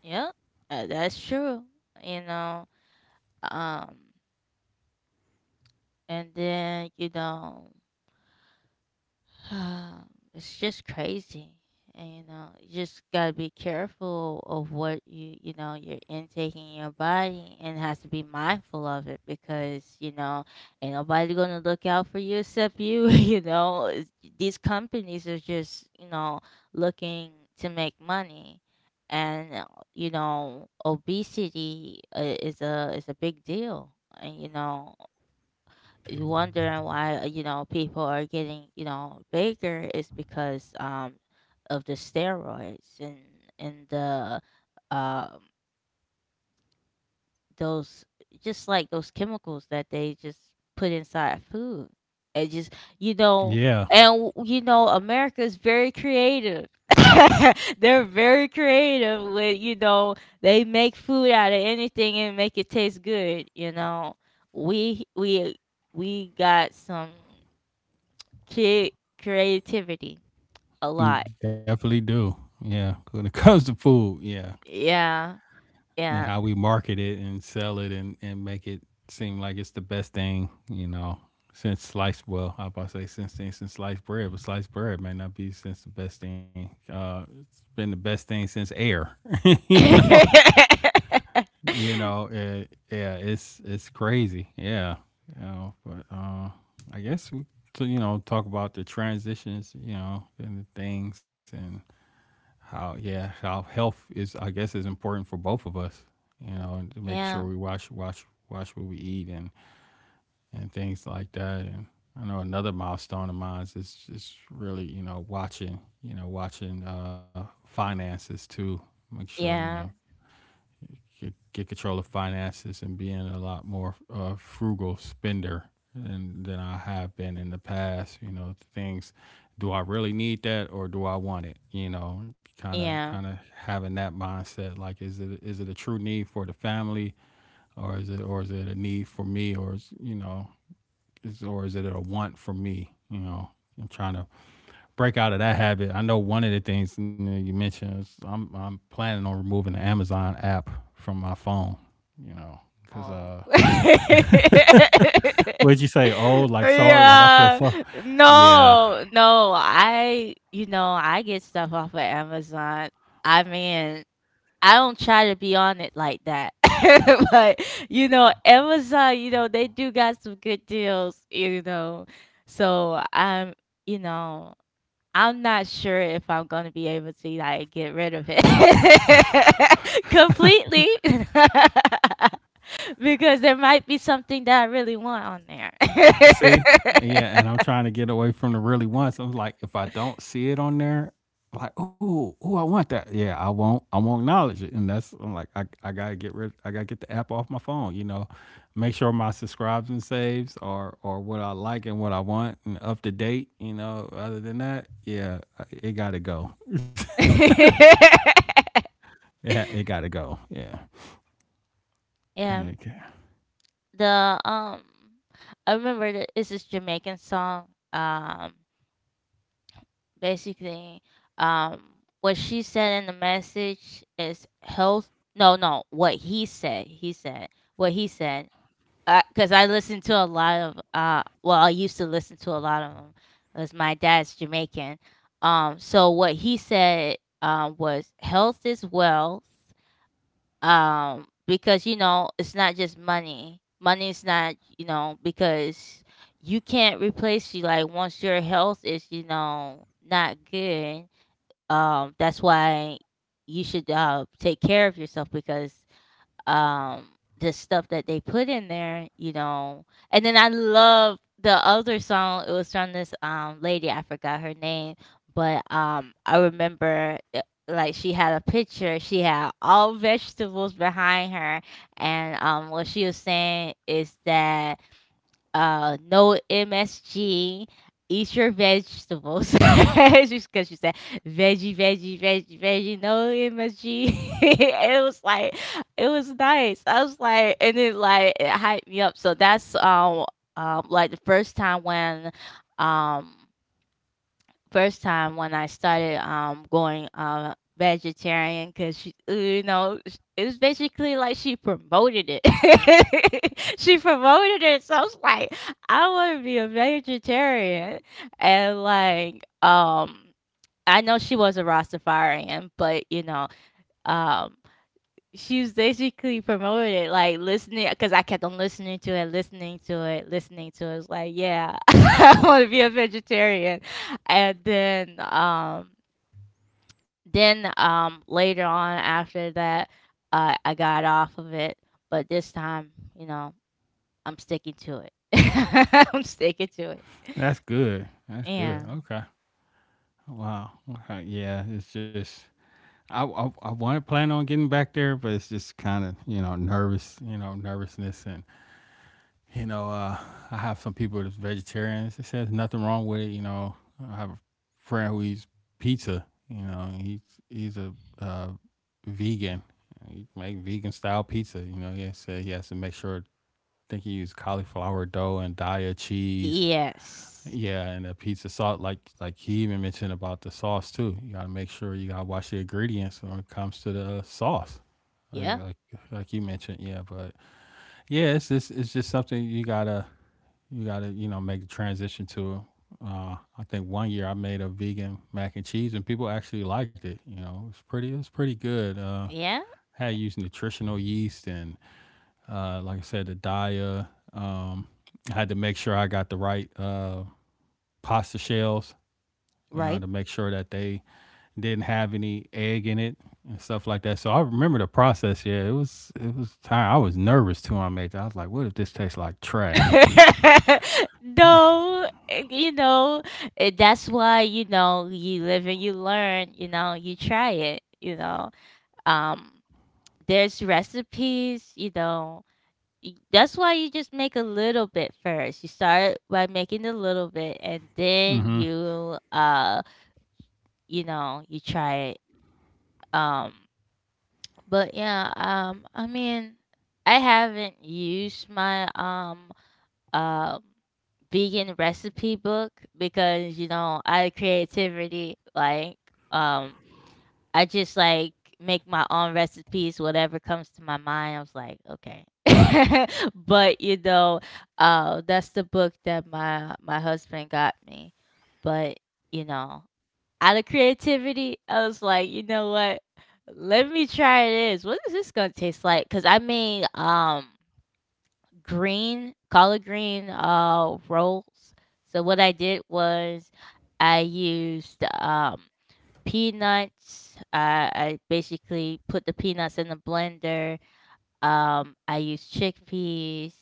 yeah. Uh, that's true, you know. um and then, you know, Um, it's just crazy. And you know, you just gotta be careful of what you you know, you're intaking in your body, and has to be mindful of it, because you know ain't nobody gonna look out for you except you. *laughs* You know, It's- these companies are just, you know, looking to make money, and uh, you know, obesity uh, is a is a big deal, and you know you wondering why, uh, you know, people are getting, you know, bigger is because um of the steroids and and the um those just like those chemicals that they just put inside food, it just, you know. Yeah, And you know, America is very creative. *laughs* They're very creative with, you know, they make food out of anything and make it taste good, you know. We we we got some Crea creativity a lot. you definitely do. Yeah, when it *laughs* comes to food, yeah, Yeah, yeah. and how we market it and sell it and and make it seem like it's the best thing, you know. Since sliced, well, I was about to say since things since sliced bread, but sliced bread may not be since the best thing. Uh, it's been the best thing since air, *laughs* you know. *laughs* You know, it, yeah, it's it's crazy. Yeah. You know, but uh I guess we to, you know, talk about the transitions, you know, and the things and how, yeah, how health is I guess is important for both of us, you know, and to make Yeah, sure we watch watch watch what we eat and and things like that. And I know another milestone of mine is just really, you know, watching, you know, watching uh finances too. Make sure, you know, yeah, get, get control of finances and being a lot more uh, frugal spender than, than I have been in the past. You know, things, do I really need that or do I want it? You know, kind of yeah. kind of having that mindset, like, is it is it a true need for the family or is it or is it a need for me, or is, you know, is or is it a want for me, you know? I'm trying to break out of that habit. I know one of the things you know you mentioned is I'm I'm planning on removing the Amazon app from my phone. You know, because Oh. uh, *laughs* what did you say? Oh, like, sorry, like, I feel Yeah. sorry. Yeah, No, no, I you know, I get stuff off of Amazon. I mean, I don't try to be on it like that. *laughs* But you know, Amazon, you know, they do got some good deals, you know. So I'm, you know, I'm not sure if I'm gonna be able to like get rid of it *laughs* completely. *laughs* Because there might be something that I really want on there. see? Yeah, and I'm trying to get away from the really wants. I'm like, if I don't see it on there, like, oh, oh, I want that. Yeah, I won't, I won't acknowledge it. And that's I'm like, I, I gotta get rid, I gotta get the app off my phone. You know, make sure my subscribes and saves are are what I like and what I want and up to date. You know, other than that, yeah, I- it gotta go. *laughs* *laughs* Yeah, it gotta go. Yeah. Yeah, Okay. the, um I remember that it's this Jamaican song. Um, basically, um, what she said in the message is health. No, no, what he said. He said what he said. Because I listened to a lot of, uh, well, I used to listen to a lot of them, because my dad's Jamaican. Um, so what he said, uh, was health is wealth, um because you know it's not just money. Money's not, you know, because you can't replace you, like, once your health is, you know, not good, um that's why you should uh take care of yourself, because um the stuff that they put in there, you know. And then I love the other song. It was from this um lady, I forgot her name, but um I remember, uh, like she had a picture. She had all vegetables behind her, and um what she was saying is that, uh, no M S G. Eat your vegetables. *laughs* Just because she said veggie, veggie, veggie, veggie, no M S G. *laughs* It was like, it was nice. I was like, and it like it hyped me up. So that's um um like the first time when um first time when I started um going uh vegetarian, because she, uh, you know, sh- it was basically like she promoted it. *laughs* She promoted it, so I was like, I want to be a vegetarian, and like um I know she was a Rastafarian, but you know, um she was basically promoting it, like listening, because I kept on listening to it, listening to it, listening to it. It was like, yeah, *laughs* I want to be a vegetarian. And then, um, then, um, later on after that, uh, I got off of it. But this time, you know, I'm sticking to it. *laughs* I'm sticking to it. That's good. That's good. Yeah. Okay. Wow. Okay. Yeah. It's just. I, I, I want to plan on getting back there, but it's just kind of, you know, nervous, you know, nervousness, and you know, uh, I have some people that's vegetarians. It says nothing wrong with it, you know. I have a friend who eats pizza, you know. And He's he's a uh, vegan. He make vegan style pizza, you know. He said he has to make sure. I think he used cauliflower dough and daya cheese, Yes. yeah, and the pizza sauce, like like he even mentioned about the sauce too. You gotta make sure you gotta watch the ingredients when it comes to the uh, sauce, like Yeah. like like you mentioned. Yeah, but yeah, it's just it's just something you gotta you gotta you know make the transition to. Uh, I think one year I made a vegan mac and cheese, and people actually liked it. You know, it's pretty it's pretty good. Uh, Yeah. Had used nutritional yeast and uh, like I said, the dia. Um, I had to make sure I got the right uh, pasta shells, you know, Right. to make sure that they didn't have any egg in it and stuff like that. So I remember the process. Yeah, it was it was time. I was nervous too. I made that. I was like, what if this tastes like trash? *laughs* *laughs* No, eh, you know, eh, that's why, you know, you live and you learn, you know, you try it, you know. Um, there's recipes, you know. y- That's why you just make a little bit first. You start by making a little bit, and then mm-hmm. you uh you know, you try it. Um but yeah, um I mean, I haven't used my um um vegan recipe book because you know I creativity like um I just like make my own recipes, whatever comes to my mind. I was like, okay. *laughs* But you know, uh that's the book that my my husband got me, but you know, out of creativity, I was like, you know what, let me try this, what is this gonna taste like, because I made um green collard green uh rolls. So what I did was I used um peanuts. I, I basically put the peanuts in the blender. Um, I used chickpeas.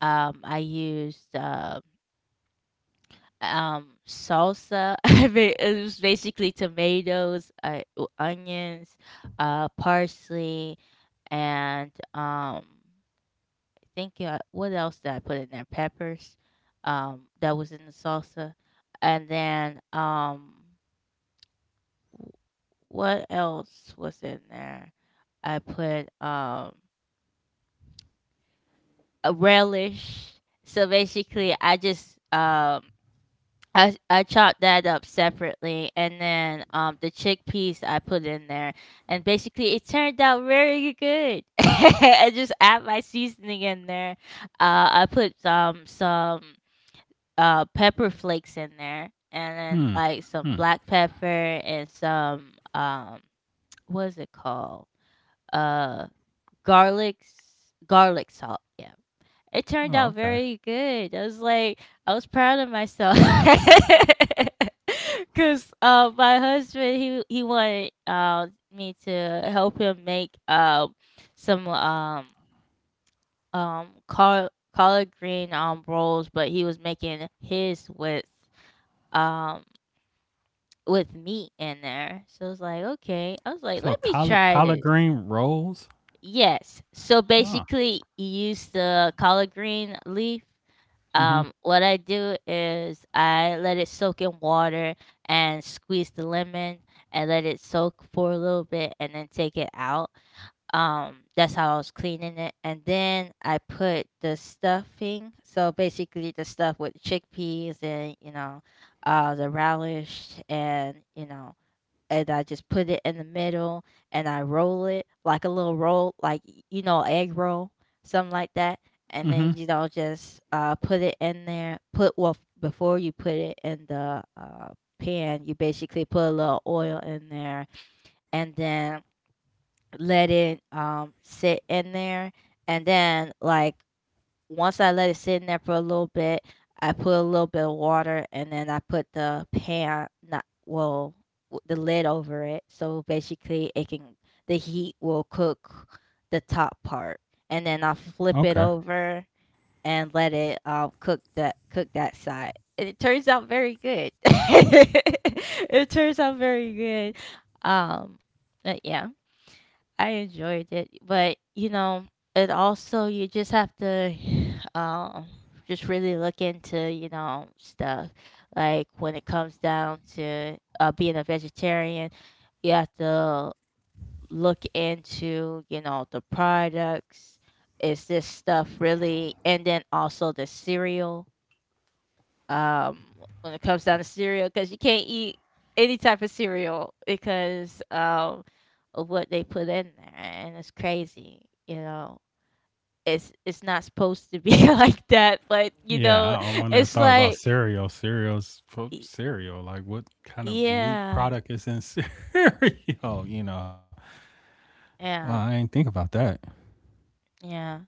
Um, I used uh, um salsa. *laughs* I mean, it was basically tomatoes, uh, o- onions, uh, parsley, and um think, uh, what else did I put in there? Peppers, um, that was in the salsa, and then, um, w- what else was in there? I put um a relish. So basically, I just um I I chopped that up separately, and then um the chickpeas I put in there, and basically it turned out very good. *laughs* I just add my seasoning in there. Uh, I put um some, uh, pepper flakes in there, and then Hmm. like some Hmm. black pepper and some, um, *tsk* what is it called? Uh, garlic s- garlic salt. Yeah, it turned Oh, out okay. very good. I was like, I was proud of myself. *laughs* Cause uh, my husband he he wanted uh, me to help him make um some um um col collard green um rolls, but he was making his with um, with meat in there. So I was like, okay. I was like, So let me collard try collard this. green rolls. Yes. So Huh. basically, you use the collard green leaf. Mm-hmm. Um, what I do is I let it soak in water and squeeze the lemon and let it soak for a little bit and then take it out. Um, that's how I was cleaning it. And then I put the stuffing. So basically the stuff with chickpeas and, you know, uh, the relish and, you know, and I just put it in the middle and I roll it like a little roll, like, y- you know, egg roll, something like that. And Mm-hmm. then, you know, just uh, put it in there. Put, well, f- before you put it in the uh, pan, you basically put a little oil in there and then let it um sit in there and then like once I let it sit in there for a little bit, I put a little bit of water and then I put the pan not well w- the lid over it so basically it can the heat will cook the top part and then I'll flip it Okay. over and let it um cook that cook that side. And it turns out very good. *laughs* It turns out very good. Um but yeah. I enjoyed it, but you know, it also you just have to *sighs* um just really look into, you know, stuff. Like when it comes down to uh being a vegetarian, you have to look into, you know, the products. Is this stuff really, and then also the cereal, um, when it comes down to cereal, because you can't eat any type of cereal because um, of what they put in there, and it's crazy. You know, it's it's not supposed to be *laughs* like that, but you Yeah, know, I, I wonder. If it's thought about like, cereal. Cereals for y- cereal. Like, what kind of meat yeah, product is in *laughs* cereal? You know. Well, I yeah, ain't think about that. yeah.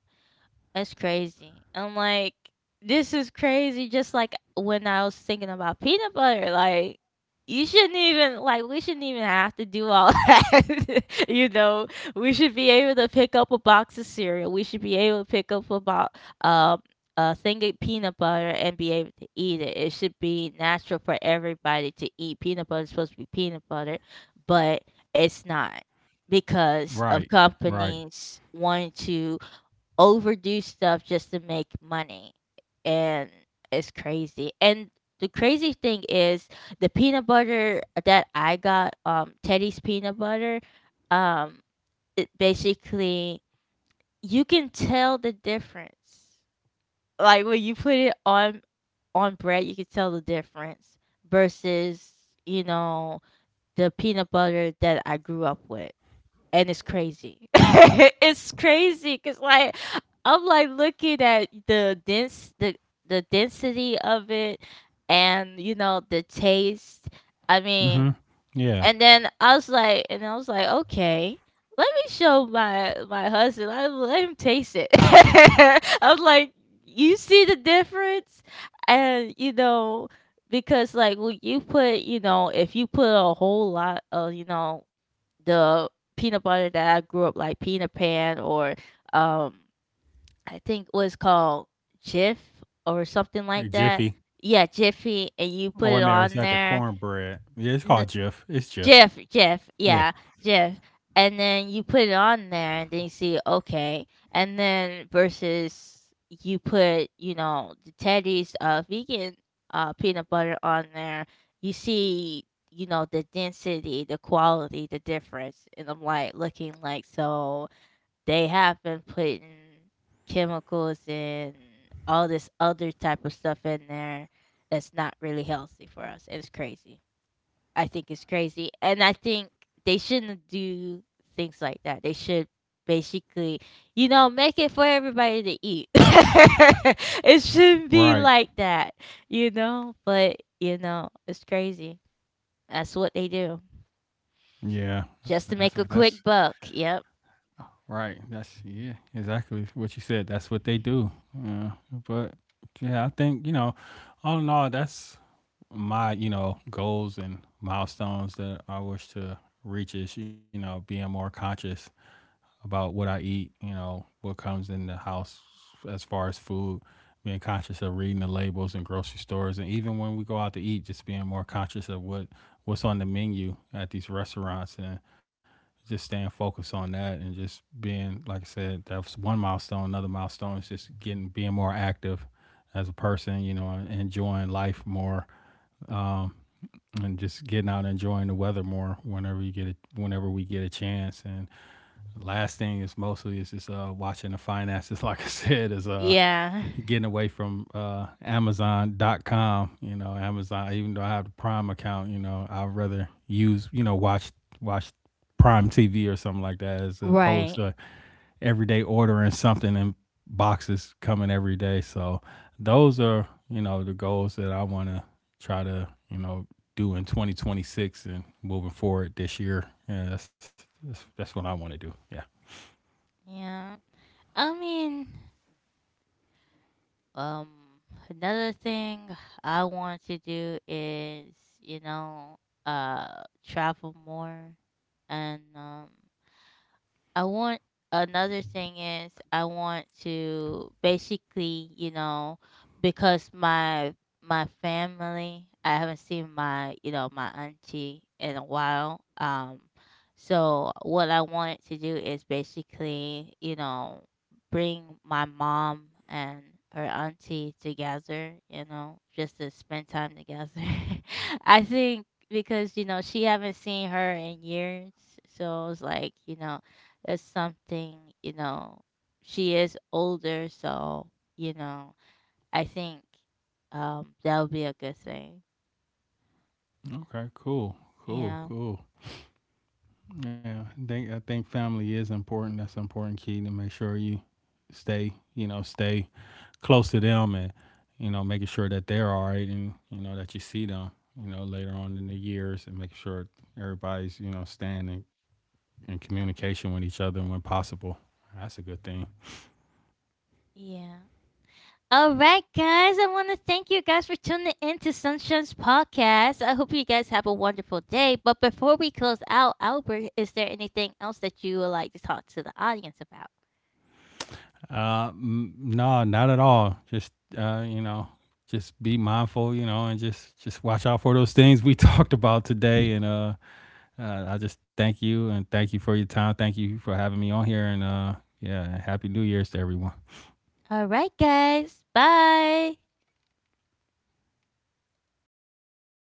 That's crazy. I'm like, this is crazy. Just like when I was thinking about peanut butter, like you shouldn't even like we shouldn't even have to do all *laughs* that. You know, we should be able to pick up a box of cereal. We should be able to pick up a bo- um a thing of peanut butter and be able to eat it. It should be natural for everybody to eat peanut butter. It's supposed to be peanut butter, but it's not because Right. of Right. companies wanting to overdo stuff just to make money, and it's crazy. And the crazy thing is the peanut butter that I got, um, Teddy's peanut butter, um, it basically you can tell the difference. Like when you put it on on bread, you can tell the difference versus, you know, the peanut butter that I grew up with, and it's crazy. *laughs* It's crazy because, like, I'm, like, looking at the dense the the density of it and, you know, the taste. I mean, Mhm. Yeah. and then I was like and I was like, "Okay, let me show my my husband. I let him taste it." *laughs* I was like, "You see the difference?" And, you know, because, like, when you put, you know, if you put a whole lot of, you know, the peanut butter that I grew up, like Peanut Pan or um I think it was called Jif or something like Like that. Jiffy. Yeah, Jiffy, and you put Oh, wait it a minute, or is on that the there. cornbread? Yeah, it's called Jiff. It's Jiff. Jeff, Jeff, Yeah. yeah, Jeff, and then you put it on there, and then you see, okay, and then versus you put, you know, the Teddy's, uh, vegan, uh, peanut butter on there, you see, you know, the density, the quality, the difference, and I'm, like, looking like, so they have been putting chemicals and all this other type of stuff in there that's not really healthy for us. It's crazy. I think is crazy, and I think they shouldn't do things like that. They should basically, you know, make it for everybody to eat. *laughs* It shouldn't be Right. like that, you know, but you know, it's crazy. That's what they do Yeah. just to That's what make a that's quick buck. Yep. right. That's yeah, exactly what you said. That's what they do. Yeah. But yeah, I think, you know, all in all, that's my, you know, goals and milestones that I wish to reach is, you know, being more conscious about what I eat, you know, what comes in the house as far as food, being conscious of reading the labels in grocery stores, and even when we go out to eat, just being more conscious of what what's on the menu at these restaurants, and just staying focused on that, and just being, like I said, that's one milestone. Another milestone is just getting being more active as a person, you know, enjoying life more. Um, and just getting out and enjoying the weather more whenever you get it whenever we get a chance. And the last thing is mostly is just uh, watching the finances. *laughs* Like I said, is uh, Yeah. *laughs* getting away from uh, Amazon dot com. You know, Amazon. Even though I have the Prime account, you know, I'd rather use, you know, watch watch Prime T V or something like that, as opposed Right. to everyday ordering something and boxes coming every day. So those are, you know, the goals that I want to try to, you know, do in twenty twenty-six and moving forward this year. Yeah, that's that's, that's what I want to do. Yeah. Yeah. I mean, Um, another thing I want to do is, you know, uh, travel more and um, I want another thing is I want to basically, you know, because my my family, I haven't seen my, you know, my auntie in a while. Um so what I wanted to do is basically, you know, bring my mom and her auntie together, you know, just to spend time together. *laughs* I think because you know she haven't seen her in years, so it's like you know that's something, you know, she is older, so you know I think um that would be a good thing. Okay, cool, cool, Yeah. cool. Yeah, I think I think family is important. That's an important key to make sure you stay, you know, stay close to them, and you know, making sure that they're all right, and you know that you see them, you know, later on in the years, and making sure everybody's, you know, staying in, in communication with each other when possible. That's a good thing. Yeah, all right, guys, I want to thank you guys for tuning in to Sunshine's podcast. I hope you guys have a wonderful day, but before we close out, Albert, is there anything else that you would like to talk to the audience about? Uh, m- no, not at all. Just uh, you know, just be mindful, you know, and just just watch out for those things we *laughs* talked about today, and uh uh, I just thank you and thank you for your time. Thank you for having me on here. And uh, yeah, happy New Year's to everyone. All right, guys, bye.